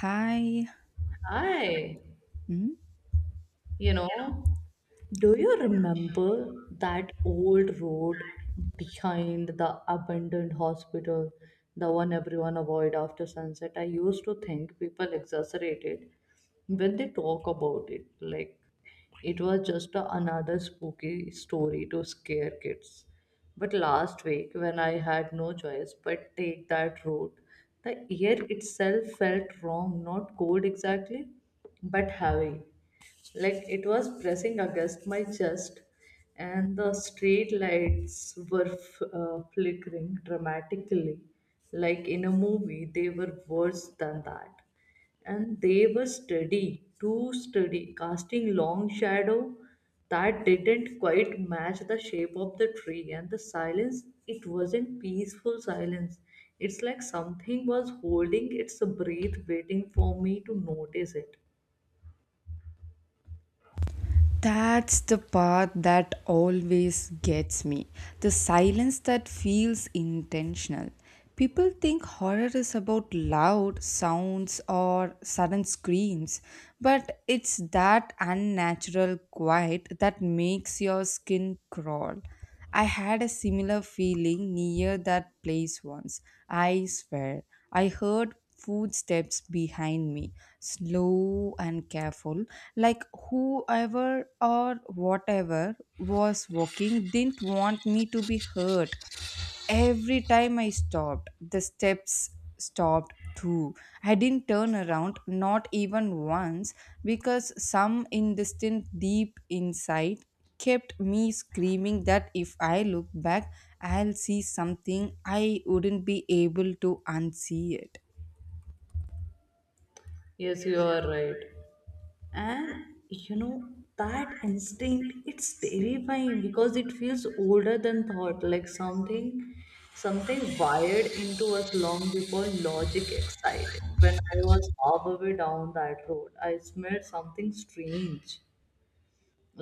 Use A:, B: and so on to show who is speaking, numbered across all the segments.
A: Hi.
B: Hi,
A: Hmm?
B: you know, do you remember that old road behind the abandoned hospital, the one everyone avoid after sunset? I used to think people exaggerate it when they talk about it, like it was just another spooky story to scare kids. But last week, when I had no choice but take that road, the air itself felt wrong, not cold exactly, but heavy like it was pressing against my chest. And the street lights were flickering dramatically, like in a movie. They were worse than that, and they were steady, too steady, casting long shadow that didn't quite match the shape of the tree. And the silence, it wasn't peaceful silence. It's like something was holding its breath waiting for me to notice it.
A: That's the part that always gets me. The silence that feels intentional. People think horror is about loud sounds or sudden screams, but it's that unnatural quiet that makes your skin crawl. I had a similar feeling near that place once. I swear, I heard footsteps behind me, slow and careful, like whoever or whatever was walking didn't want me to be hurt. Every time I stopped, the steps stopped too. I didn't turn around, not even once, because some indistinct deep inside kept me screaming that if I look back, I'll see something I wouldn't be able to unsee it.
B: Yes, you are right. And you know that instinct, it's terrifying because it feels older than thought, like something wired into us long before logic excited. When I was halfway down that road, I smelled something strange,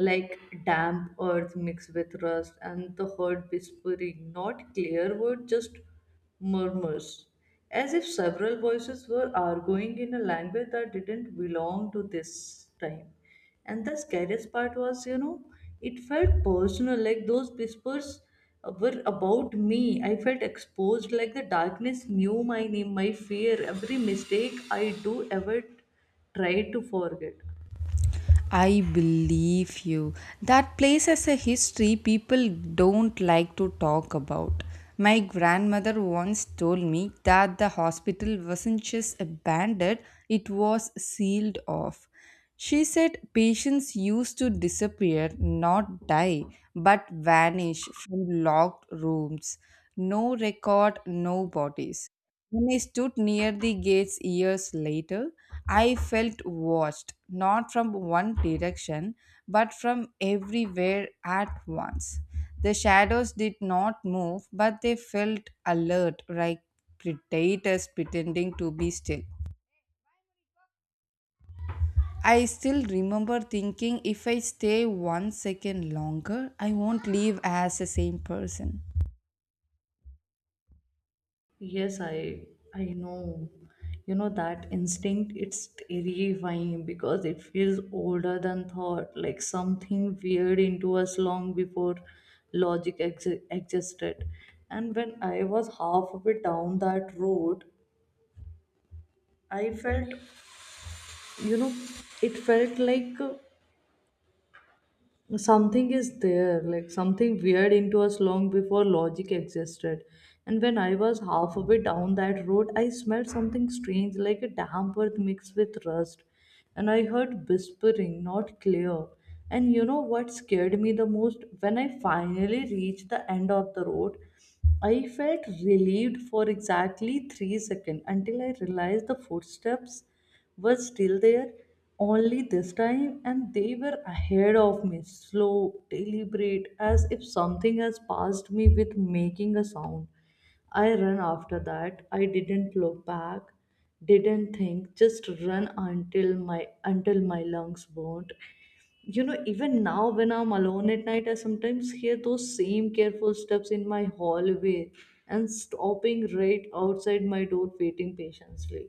B: like damp earth mixed with rust, and the herd whispering, not clear word, just murmurs, as if several voices were arguing in a language that didn't belong to this time. And the scariest part was, you know, it felt personal, like those whispers were about me. I felt exposed, like the darkness knew my name, my fear, every mistake I do ever tried to forget.
A: I believe you. That place has a history people don't like to talk about. My grandmother once told me that the hospital wasn't just abandoned, it was sealed off. She said patients used to disappear, not die, but vanish from locked rooms. No record, no bodies. When I stood near the gates years later, I felt watched, not from one direction, but from everywhere at once. The shadows did not move, but they felt alert, like predators pretending to be still. I still remember thinking if I stay 1 second longer, I won't leave as the same person.
B: Yes, I know. You know that instinct, it's terrifying because it feels older than thought, like something weird into us long before logic ex existed. And when I was half way down that road, I felt, you know, it felt like something is there, like something weird into us long before logic existed. And when I was half a way down that road, I smelled something strange, like a damp earth mixed with rust, and I heard whispering, not clear. And you know what scared me the most? When I finally reached the end of the road, I felt relieved for exactly 3 seconds until I realized the footsteps were still there, only this time, and they were ahead of me, slow, deliberate, as if something has passed me with making a sound. I ran after that. I didn't look back, didn't think, just run until my lungs burned. You know, even now when I'm alone at night, I sometimes hear those same careful steps in my hallway and stopping right outside my door, waiting patiently.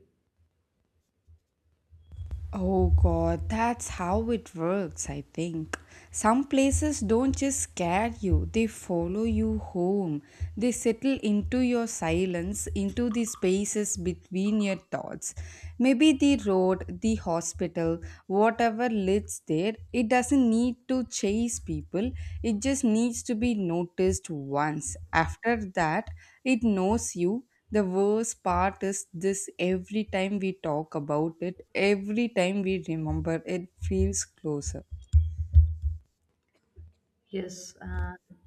A: Oh god, that's how it works, I think. Some places don't just scare you, they follow you home. They settle into your silence, into the spaces between your thoughts. Maybe the road, the hospital, whatever lives there, it doesn't need to chase people, it just needs to be noticed once. After that, it knows you. The worst part is this: every time we talk about it, every time we remember, it feels closer.
B: Yes, and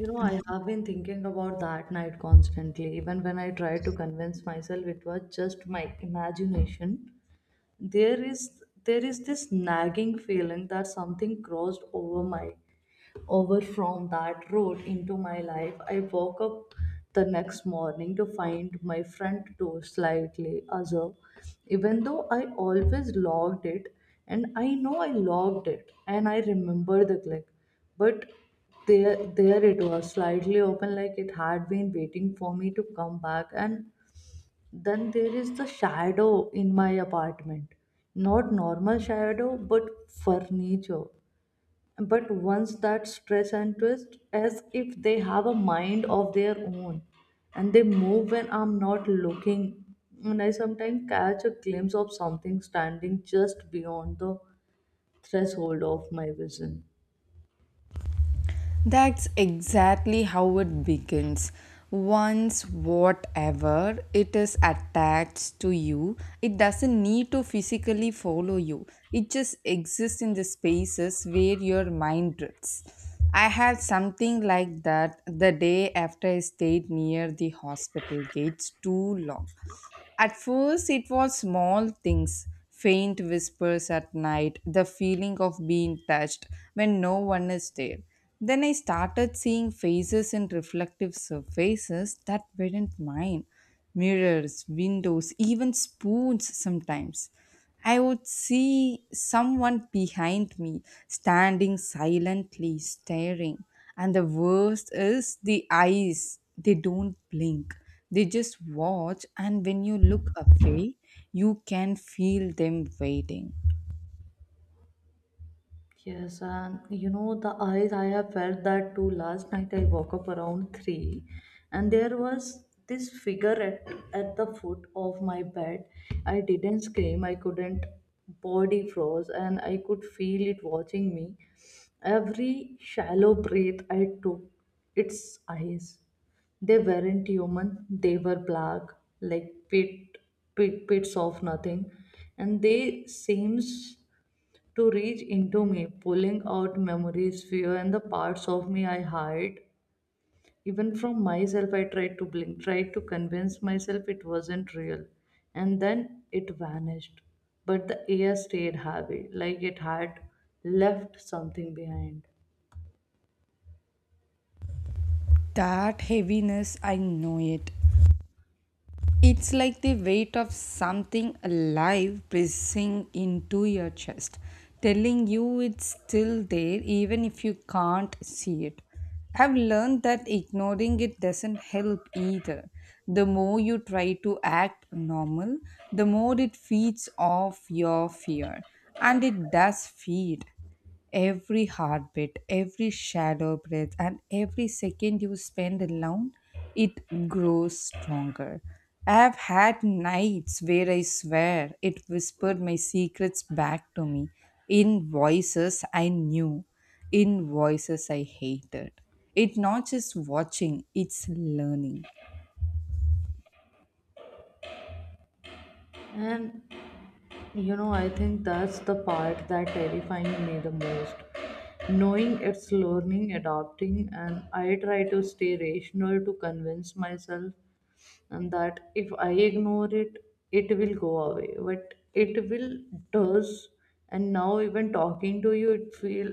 B: you know, I have been thinking about that night constantly, even when I try to convince myself it was just my imagination. There is this nagging feeling that something crossed over my over from that road into my life. I woke up the next morning to find my front door slightly azure, even though I always locked it, and I know I locked it and I remember the click. But there it was slightly open, like it had been waiting for me to come back. And then there is the shadow in my apartment, not normal shadow, but furniture, but once that stretch and twist, as if they have a mind of their own and they move when I'm not looking. And I sometimes catch a glimpse of something standing just beyond the threshold of my vision.
A: That's exactly how it begins. Once whatever it is attached to you, it doesn't need to physically follow you. It just exists in the spaces where your mind drifts. I had something like that the day after I stayed near the hospital gates too long. At first, it was small things, faint whispers at night, the feeling of being touched when no one is there. Then I started seeing faces in reflective surfaces that weren't mine: mirrors, windows, even spoons sometimes. I would see someone behind me standing silently staring. And the worst is the eyes, they don't blink. They just watch, and when you look away, you can feel them waiting.
B: Yes, and you know, the eyes, I have felt that too. Last night I woke up around 3, and there was this figure at the foot of my bed. I didn't scream, I couldn't, body froze, and I could feel it watching me. Every shallow breath I took, its eyes, they weren't human, they were black, like pits of nothing, and they seems to reach into me, pulling out memories, fear, and the parts of me I hide. Even from myself, I tried to blink, tried to convince myself it wasn't real. And then it vanished. But the air stayed heavy, like it had left something behind.
A: That heaviness, I know it. It's like the weight of something alive pressing into your chest, telling you it's still there even if you can't see it. I've learned that ignoring it doesn't help either. The more you try to act normal, the more it feeds off your fear, and it does feed. Every heartbeat, every shadow breath, and every second you spend alone, it grows stronger. I have had nights where I swear it whispered my secrets back to me in voices I knew, in voices I hated. It's not just watching, it's learning.
B: And you know, I think that's the part that terrifying me the most. Knowing it's learning, adopting, and I try to stay rational to convince myself and that if I ignore it, it will go away. But it will does, and now even talking to you, it feel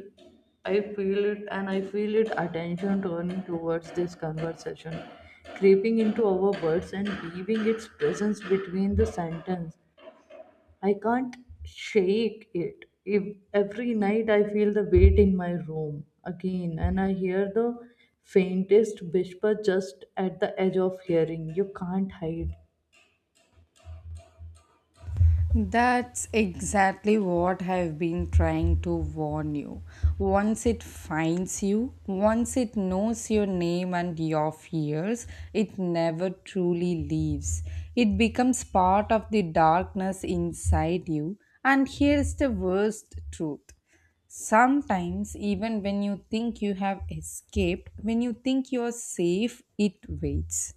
B: I feel it, and I feel it attention turning towards this conversation, creeping into our words and leaving its presence between the sentence. I can't shake it. If every night I feel the weight in my room again, and I hear the faintest whisper just at the edge of hearing. You can't hide.
A: That's exactly what I've been trying to warn you. Once it finds you, once it knows your name and your fears, it never truly leaves. It becomes part of the darkness inside you. And here's the worst truth: sometimes, even when you think you have escaped, when you think you're safe, it waits.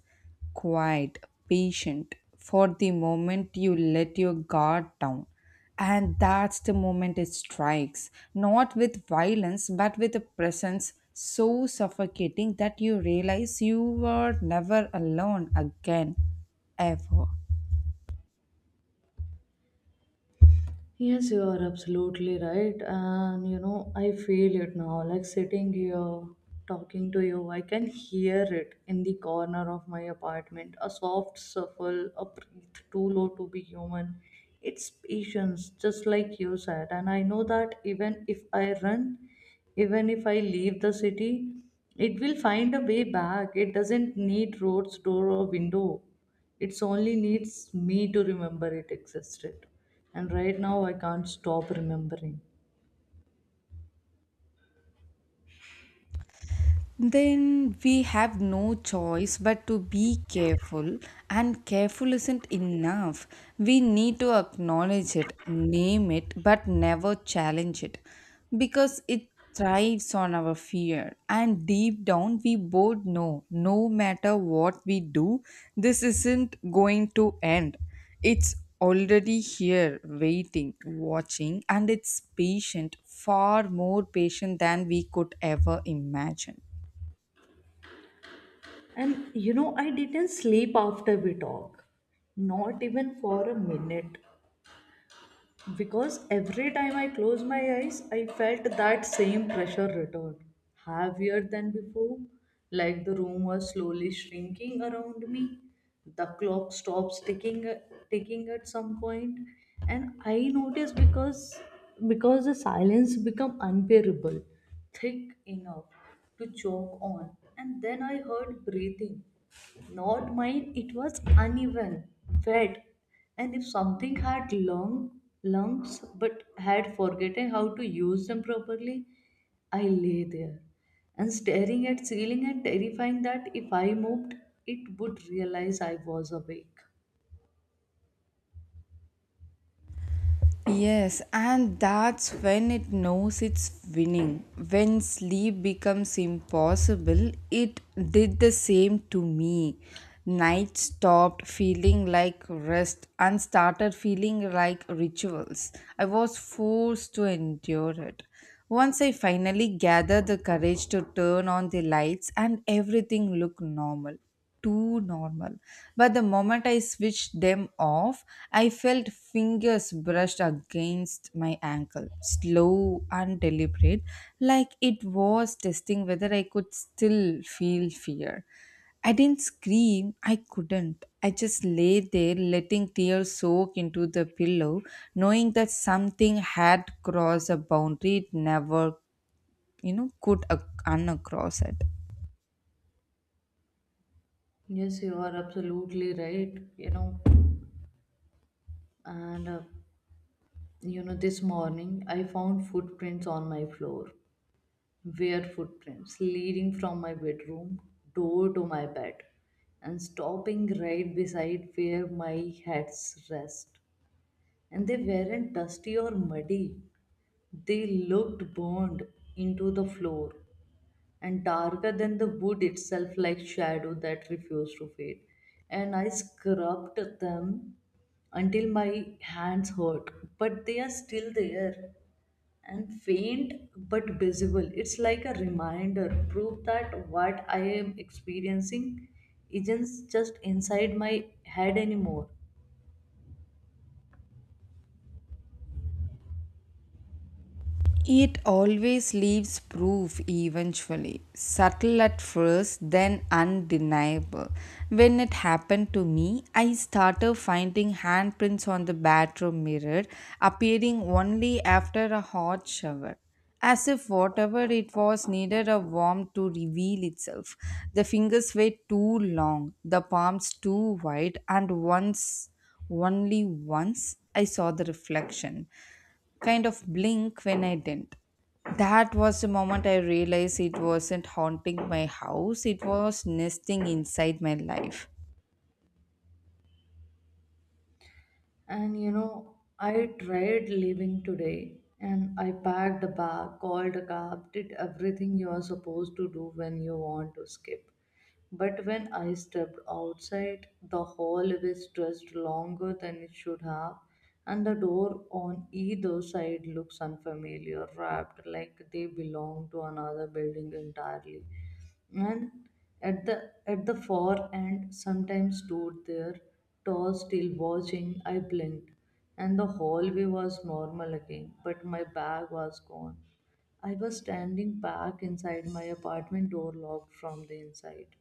A: Quiet, patient, for the moment you let your guard down. And that's the moment it strikes, not with violence, but with a presence so suffocating that you realize you were never alone again, ever.
B: Yes, you are absolutely right. And you know, I feel it now. Like sitting here talking to you, I can hear it in the corner of my apartment. A soft shuffle, a breath too low to be human. It's patience, just like you said. And I know that even if I run, even if I leave the city, it will find a way back. It doesn't need roads, door, or window. It's only needs me to remember it existed. And right now I can't stop remembering.
A: Then we have no choice but to be careful, and careful isn't enough. We need to acknowledge it, name it, but never challenge it, because it thrives on our fear. And deep down we both know, no matter what we do, this isn't going to end. It's already here, waiting, watching, and it's patient, far more patient than we could ever imagine.
B: And you know, I didn't sleep after we talk. Not even for a minute. Because every time I closed my eyes, I felt that same pressure return, heavier than before, like the room was slowly shrinking around me. The clock stops ticking at some point, and I noticed because the silence became unbearable, thick enough to choke on, and then I heard breathing, not mine. It was uneven, wet, and if something had long lumps but had forgotten how to use them properly. I lay there and staring at ceiling and terrifying that if I moved, it would realize I was awake.
A: Yes, and that's when it knows it's winning. When sleep becomes impossible, it did the same to me. Night stopped feeling like rest and started feeling like rituals. I was forced to endure it. Once I finally gathered the courage to turn on the lights, and everything looked normal, too normal. But the moment I switched them off, I felt fingers brushed against my ankle, slow and deliberate, like it was testing whether I could still feel fear. I didn't scream, I couldn't. I just lay there, letting tears soak into the pillow, knowing that something had crossed a boundary it never, could uncross it.
B: Yes, you are absolutely right. You know, and you know, this morning I found footprints on my floor, were footprints leading from my bedroom door to my bed and stopping right beside where my head's rest. And they weren't dusty or muddy. They looked burned into the floor and darker than the wood itself, like shadow that refused to fade. And I scrubbed them until my hands hurt, but they are still there, and faint but visible. It's like a reminder, proof that what I am experiencing isn't just inside my head anymore.
A: It always leaves proof eventually, subtle at first, then undeniable. When it happened to me, I started finding handprints on the bathroom mirror, appearing only after a hot shower. As if whatever it was needed a warm to reveal itself. The fingers were too long, the palms too wide, and once, only once, I saw the reflection kind of blink when I didn't. That was the moment I realized it wasn't haunting my house, it was nesting inside my life.
B: And you know, I tried leaving today and I packed a bag, called a cab, did everything you are supposed to do when you want to skip. But when I stepped outside, the hall was stretched longer than it should have, and the door on either side looks unfamiliar, wrapped like they belong to another building entirely. And at the far end sometimes stood there, tall, still, watching. I blinked and the hallway was normal again, but my bag was gone. I was standing back inside my apartment, door locked from the inside.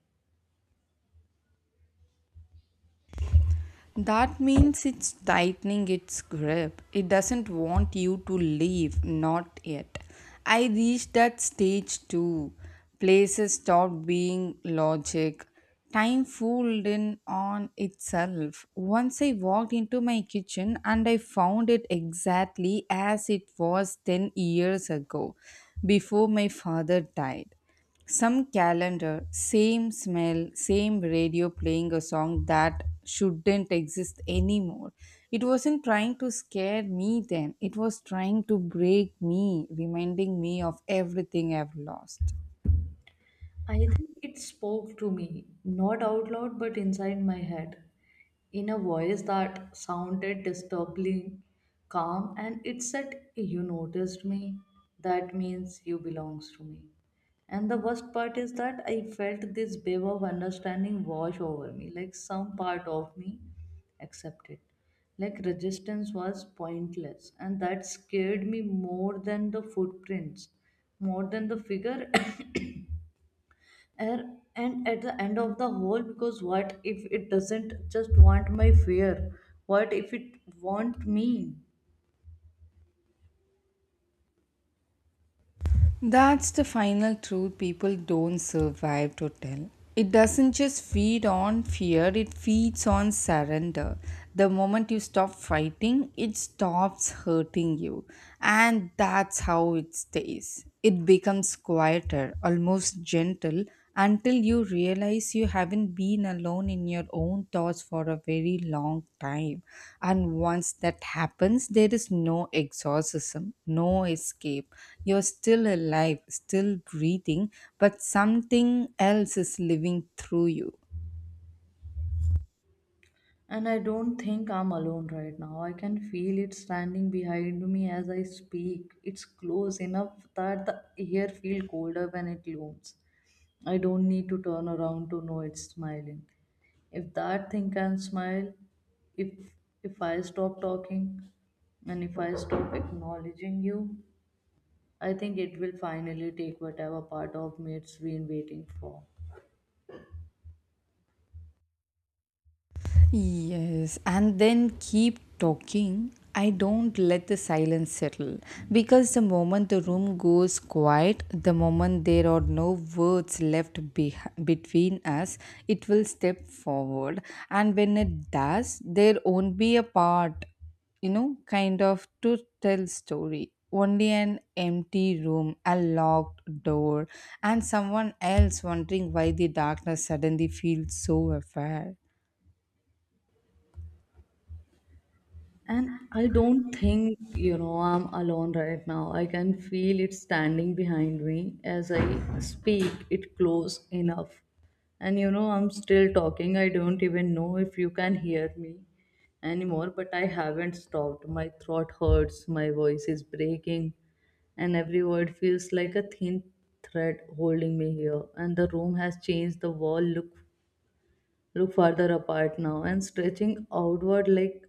A: That means it's tightening its grip. It doesn't want you to leave, not yet. I reached that stage too. Places stopped being logic. Time fooled in on itself. Once I walked into my kitchen and I found it exactly as it was 10 years ago, before my father died. Some calendar, same smell, same radio playing a song that shouldn't exist anymore. It wasn't trying to scare me then, it was trying to break me, reminding me of everything I've lost.
B: I think it spoke to me, not out loud, but inside my head, in a voice that sounded disturbingly calm, and it said, "You noticed me, that means you belongs to me." And the worst part is that I felt this wave of understanding wash over me, like some part of me accepted. Like resistance was pointless, and that scared me more than the footprints, more than the figure. And at the end of the whole, because what if it doesn't just want my fear? What if it want me?
A: That's the final truth people don't survive to tell. It doesn't just feed on fear, it feeds on surrender. The moment you stop fighting, it stops hurting you. And that's how it stays. It becomes quieter, almost gentle until you realize you haven't been alone in your own thoughts for a very long time. And once that happens, there is no exorcism, no escape. You're still alive, still breathing, but something else is living through you.
B: And I don't think I'm alone right now. I can feel it standing behind me as I speak. It's close enough that the air feels colder when it looms. I don't need to turn around to know it's smiling. If that thing can smile, if if I stop talking, and if I stop acknowledging you, I think it will finally take whatever part of me it's been waiting for.
A: Yes, and then keep talking. I don't let the silence settle, because the moment the room goes quiet, the moment there are no words left be between us, it will step forward. And when it does, there won't be a part, kind of to tell story. Only an empty room, a locked door, and someone else wondering why the darkness suddenly feels so affair.
B: And I don't think, you know, I'm alone right now. I can feel it standing behind me as I speak, it close enough. And you know, I'm still talking. I don't even know if you can hear me anymore, but I haven't stopped. My throat hurts, my voice is breaking, and every word feels like a thin thread holding me here. And the room has changed. The wall look farther apart now and stretching outward like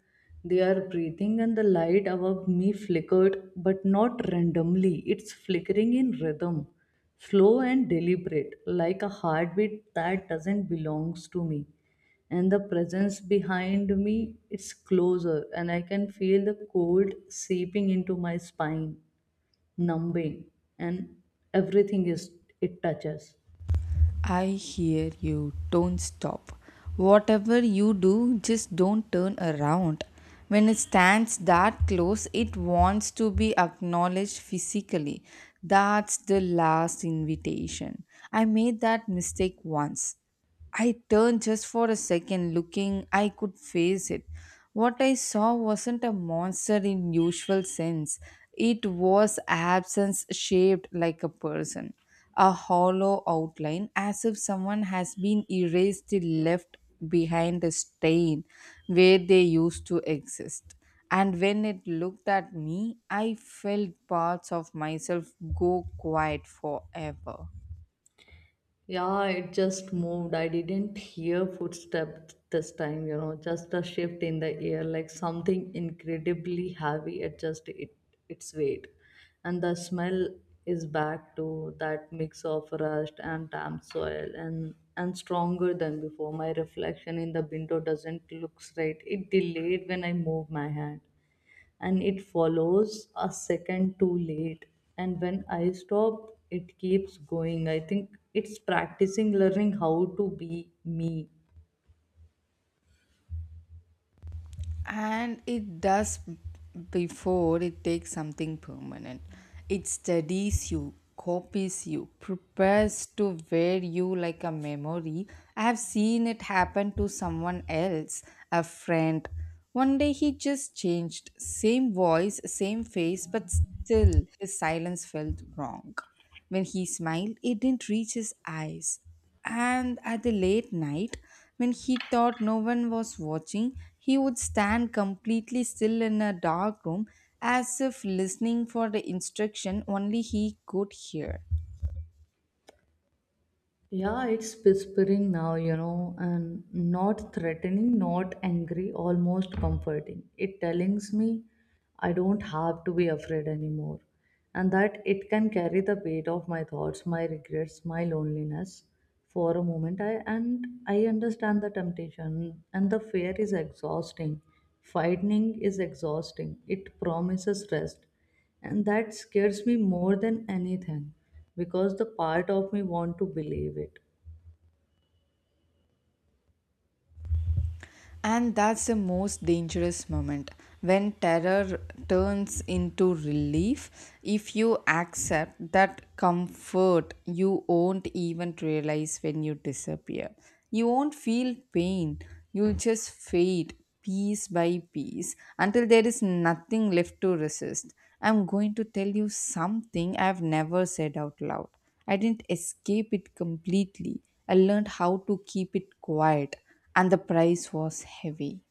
B: they are breathing. And the light above me flickered, but not randomly. It's flickering in rhythm, slow and deliberate, like a heartbeat that doesn't belongs to me. And the presence behind me is closer, and I can feel the cold seeping into my spine, numbing, and everything is, it touches.
A: I hear you. Don't stop. Whatever you do, just don't turn around. When it stands that close, it wants to be acknowledged physically. That's the last invitation. I made that mistake once. I turned just for a second, looking I could face it. What I saw wasn't a monster in usual sense. It was absence shaped like a person, a hollow outline as if someone has been erased and left behind a stain where they used to exist. And when it looked at me, I felt parts of myself go quiet forever.
B: Yeah, it just moved. I didn't hear footsteps this time, you know, just a shift in the air, like something incredibly heavy adjusted it, its weight. And the smell is back to that mix of rust and damp soil, and stronger than before. My reflection in the window doesn't look right. It delayed when I move my hand and it follows a second too late. And when I stop, it keeps going. I think it's practicing learning how to be me.
A: And it does. Before it takes something permanent, it studies you, copies you, prepares to wear you like a memory. I have seen it happen to someone else, a friend. One day he just changed: same voice, same face, but still his silence felt wrong. When he smiled, it didn't reach his eyes. And at the late night, when he thought no one was watching, he would stand completely still in a dark room as if listening for the instruction only he could hear.
B: Yeah, it's whispering now, you know, and not threatening, not angry, almost comforting. It tells me I don't have to be afraid anymore, and that it can carry the weight of my thoughts, my regrets, my loneliness for a moment. I understand the temptation, and the fear is exhausting. Fighting is exhausting. It promises rest, and that scares me more than anything because the part of me want to believe it.
A: And that's the most dangerous moment, when terror turns into relief. If you accept that comfort, you won't even realize when you disappear. You won't feel pain, you'll just fade piece by piece until there is nothing left to resist. I'm going to tell you something I've never said out loud. I didn't escape it completely. I learned how to keep it quiet, and the price was heavy.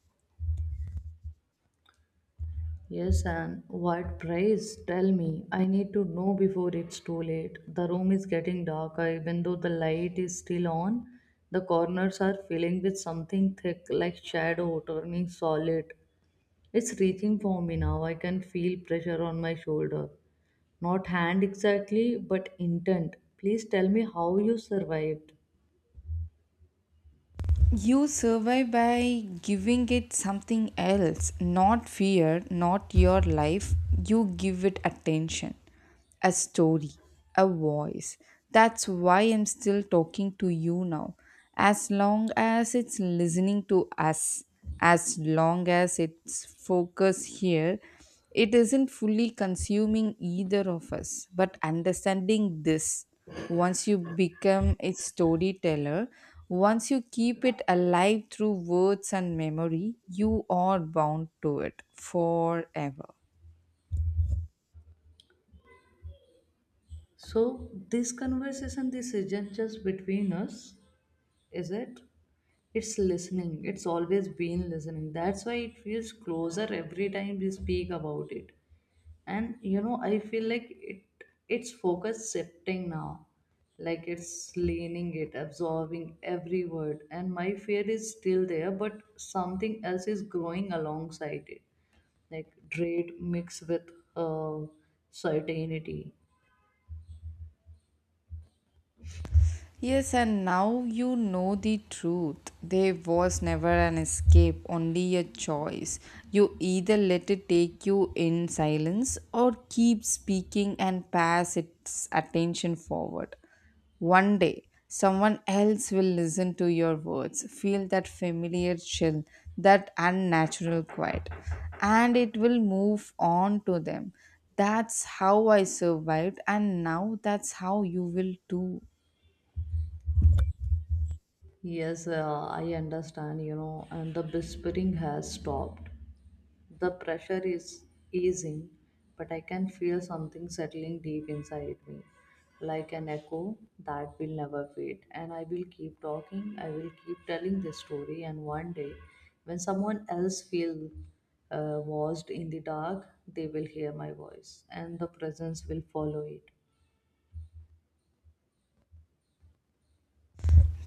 B: Yes, and what price? Tell me, I need to know before it's too late. The room is getting darker even though the light is still on. The corners are filling with something thick like shadow turning solid. It's reaching for me now. I can feel pressure on my shoulder, not hand exactly but intent. Please tell me how you survived.
A: You survive by giving it something else, not fear, not your life. You give it attention, a story, a voice. That's why I'm still talking to you now. As long as it's listening to us, as long as it's focused here, it isn't fully consuming either of us. But understanding this: once you become its storyteller, once you keep it alive through words and memory, you are bound to it forever.
B: So, this conversation, this isn't just between us, is it? It's listening. It's always been listening. That's why it feels closer every time we speak about it. And you know, I feel like it, its focus shifting now. Like it's leaning it, absorbing every word. And my fear is still there, but something else is growing alongside it. Like dread mixed with uh, certainty.
A: Yes, and now you know the truth. There was never an escape, only a choice. You either let it take you in silence or keep speaking and pass its attention forward. One day, someone else will listen to your words, feel that familiar chill, that unnatural quiet, and it will move on to them. That's how I survived, and now that's how you will too.
B: Yes, I understand, you know, and the whispering has stopped. The pressure is easing, but I can feel something settling deep inside me, like an echo that will never fade. And I will keep talking, I will keep telling this story, and one day, when someone else feels lost in the dark, they will hear my voice, and the presence will follow it.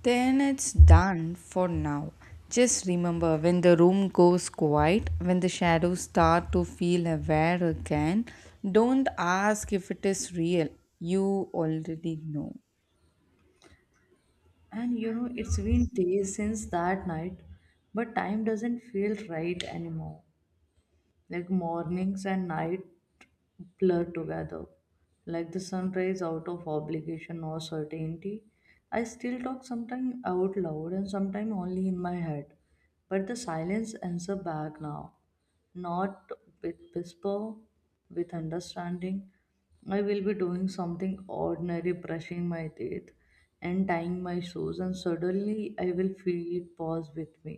A: Then it's done for now. Just remember, when the room goes quiet, when the shadows start to feel aware again, don't ask if it is real. You already know.
B: And you know, it's been days since that night, but time doesn't feel right anymore, like mornings and night blur together, like the sunrise out of obligation or certainty. I still talk sometimes out loud and sometimes only in my head, but the silence answer back now, not with whisper, with understanding. I will be doing something ordinary, brushing my teeth and tying my shoes, and suddenly I will feel it pause with me,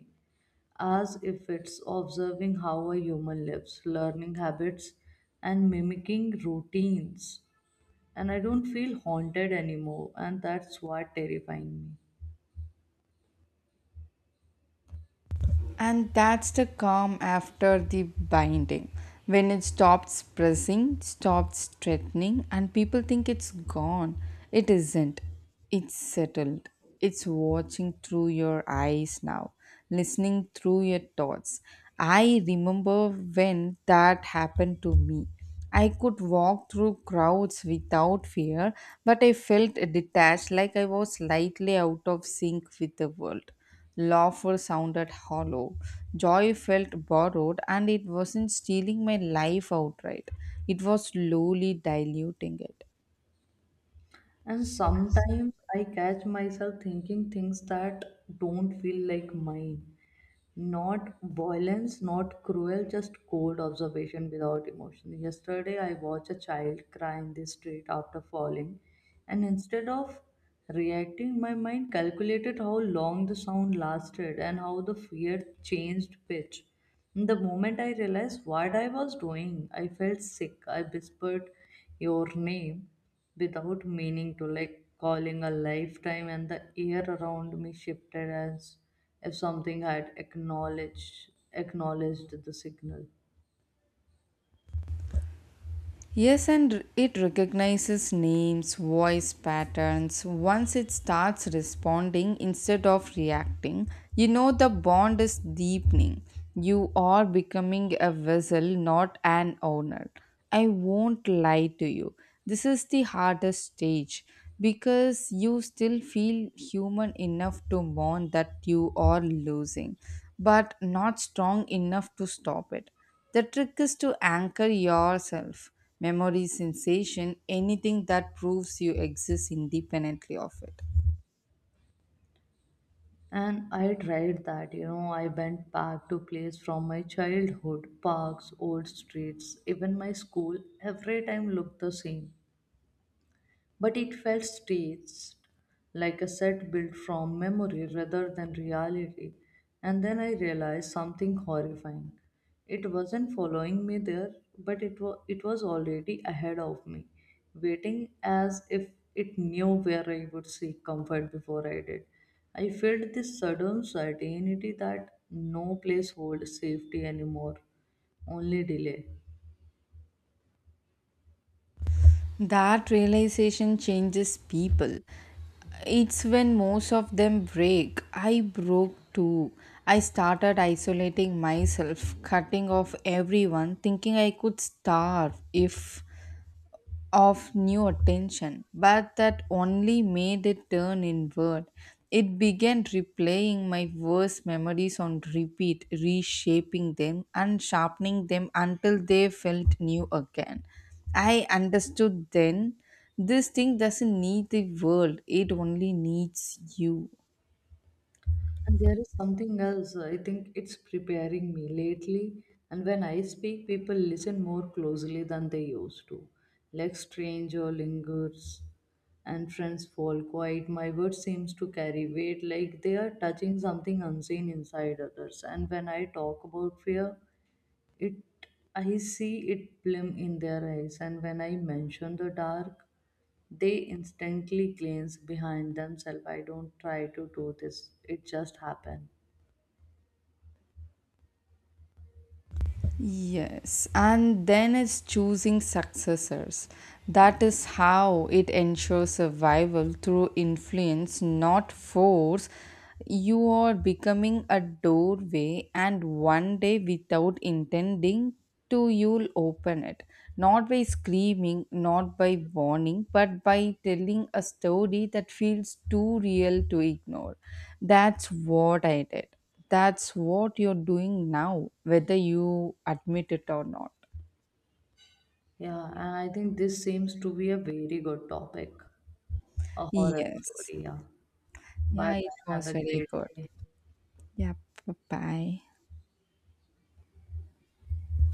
B: as if it's observing how a human lives, learning habits, and mimicking routines. And I don't feel haunted anymore, and that's what terrifying me.
A: And that's the calm after the binding. When it stops pressing, stops threatening, and people think it's gone. It isn't. It's settled. It's watching through your eyes now, listening through your thoughts. I remember when that happened to me. I could walk through crowds without fear, but I felt detached, like I was slightly out of sync with the world. Laughter sounded hollow. Joy felt borrowed, and it wasn't stealing my life outright, it was slowly diluting it.
B: And sometimes I catch myself thinking things that don't feel like mine. Not violence, not cruel, just cold observation without emotion. Yesterday, I watched a child cry in the street after falling, and instead of reacting, my mind calculated how long the sound lasted and how the fear changed pitch. The moment I realized what I was doing, I felt sick. I whispered your name without meaning to, like calling a lifetime, and the air around me shifted as if something had acknowledged the signal.
A: Yes, and it recognizes names, voice patterns. Once it starts responding instead of reacting, you know the bond is deepening. You are becoming a vessel, not an owner. I won't lie to you. This is the hardest stage, because you still feel human enough to mourn that you are losing, but not strong enough to stop it. The trick is to anchor yourself: memory, sensation, anything that proves you exist independently of it.
B: And I tried that, you know, I went back to place from my childhood, parks, old streets, even my school, every time looked the same. But it felt staged, like a set built from memory rather than reality. And then I realized something horrifying. It wasn't following me there, but it it was already ahead of me, waiting as if it knew where I would seek comfort before I did. I felt this sudden certainty that no place holds safety anymore, only delay.
A: That realization changes people. It's when most of them break. I broke too. I started isolating myself, cutting off everyone, thinking I could starve if of new attention, but that only made it turn inward. It began replaying my worst memories on repeat, reshaping them and sharpening them until they felt new again. I understood then, this thing doesn't need the world, it only needs you.
B: And there is something else, I think it's preparing me lately. And when I speak, people listen more closely than they used to. Like stranger lingers and friends fall quiet. My word seems to carry weight, like they are touching something unseen inside others. And when I talk about fear, it I see it gleam in their eyes, and when I mention the dark, they instantly glance behind themselves. I don't try to do this. It just happened.
A: Yes, and then it's choosing successors. That is how it ensures survival through influence, not force. You are becoming a doorway, and one day, without intending to, you'll open it, not by screaming, not by warning, but by telling a story that feels too real to ignore. That's what I did. That's what you're doing now, whether you admit it or not.
B: Yeah, and I think this seems to be a very good topic. A horror
A: Yes.
B: story, yeah. Bye
A: Yeah, it
B: bye. Have
A: was
B: a
A: very
B: great
A: good.
B: day.
A: Yeah. Bye.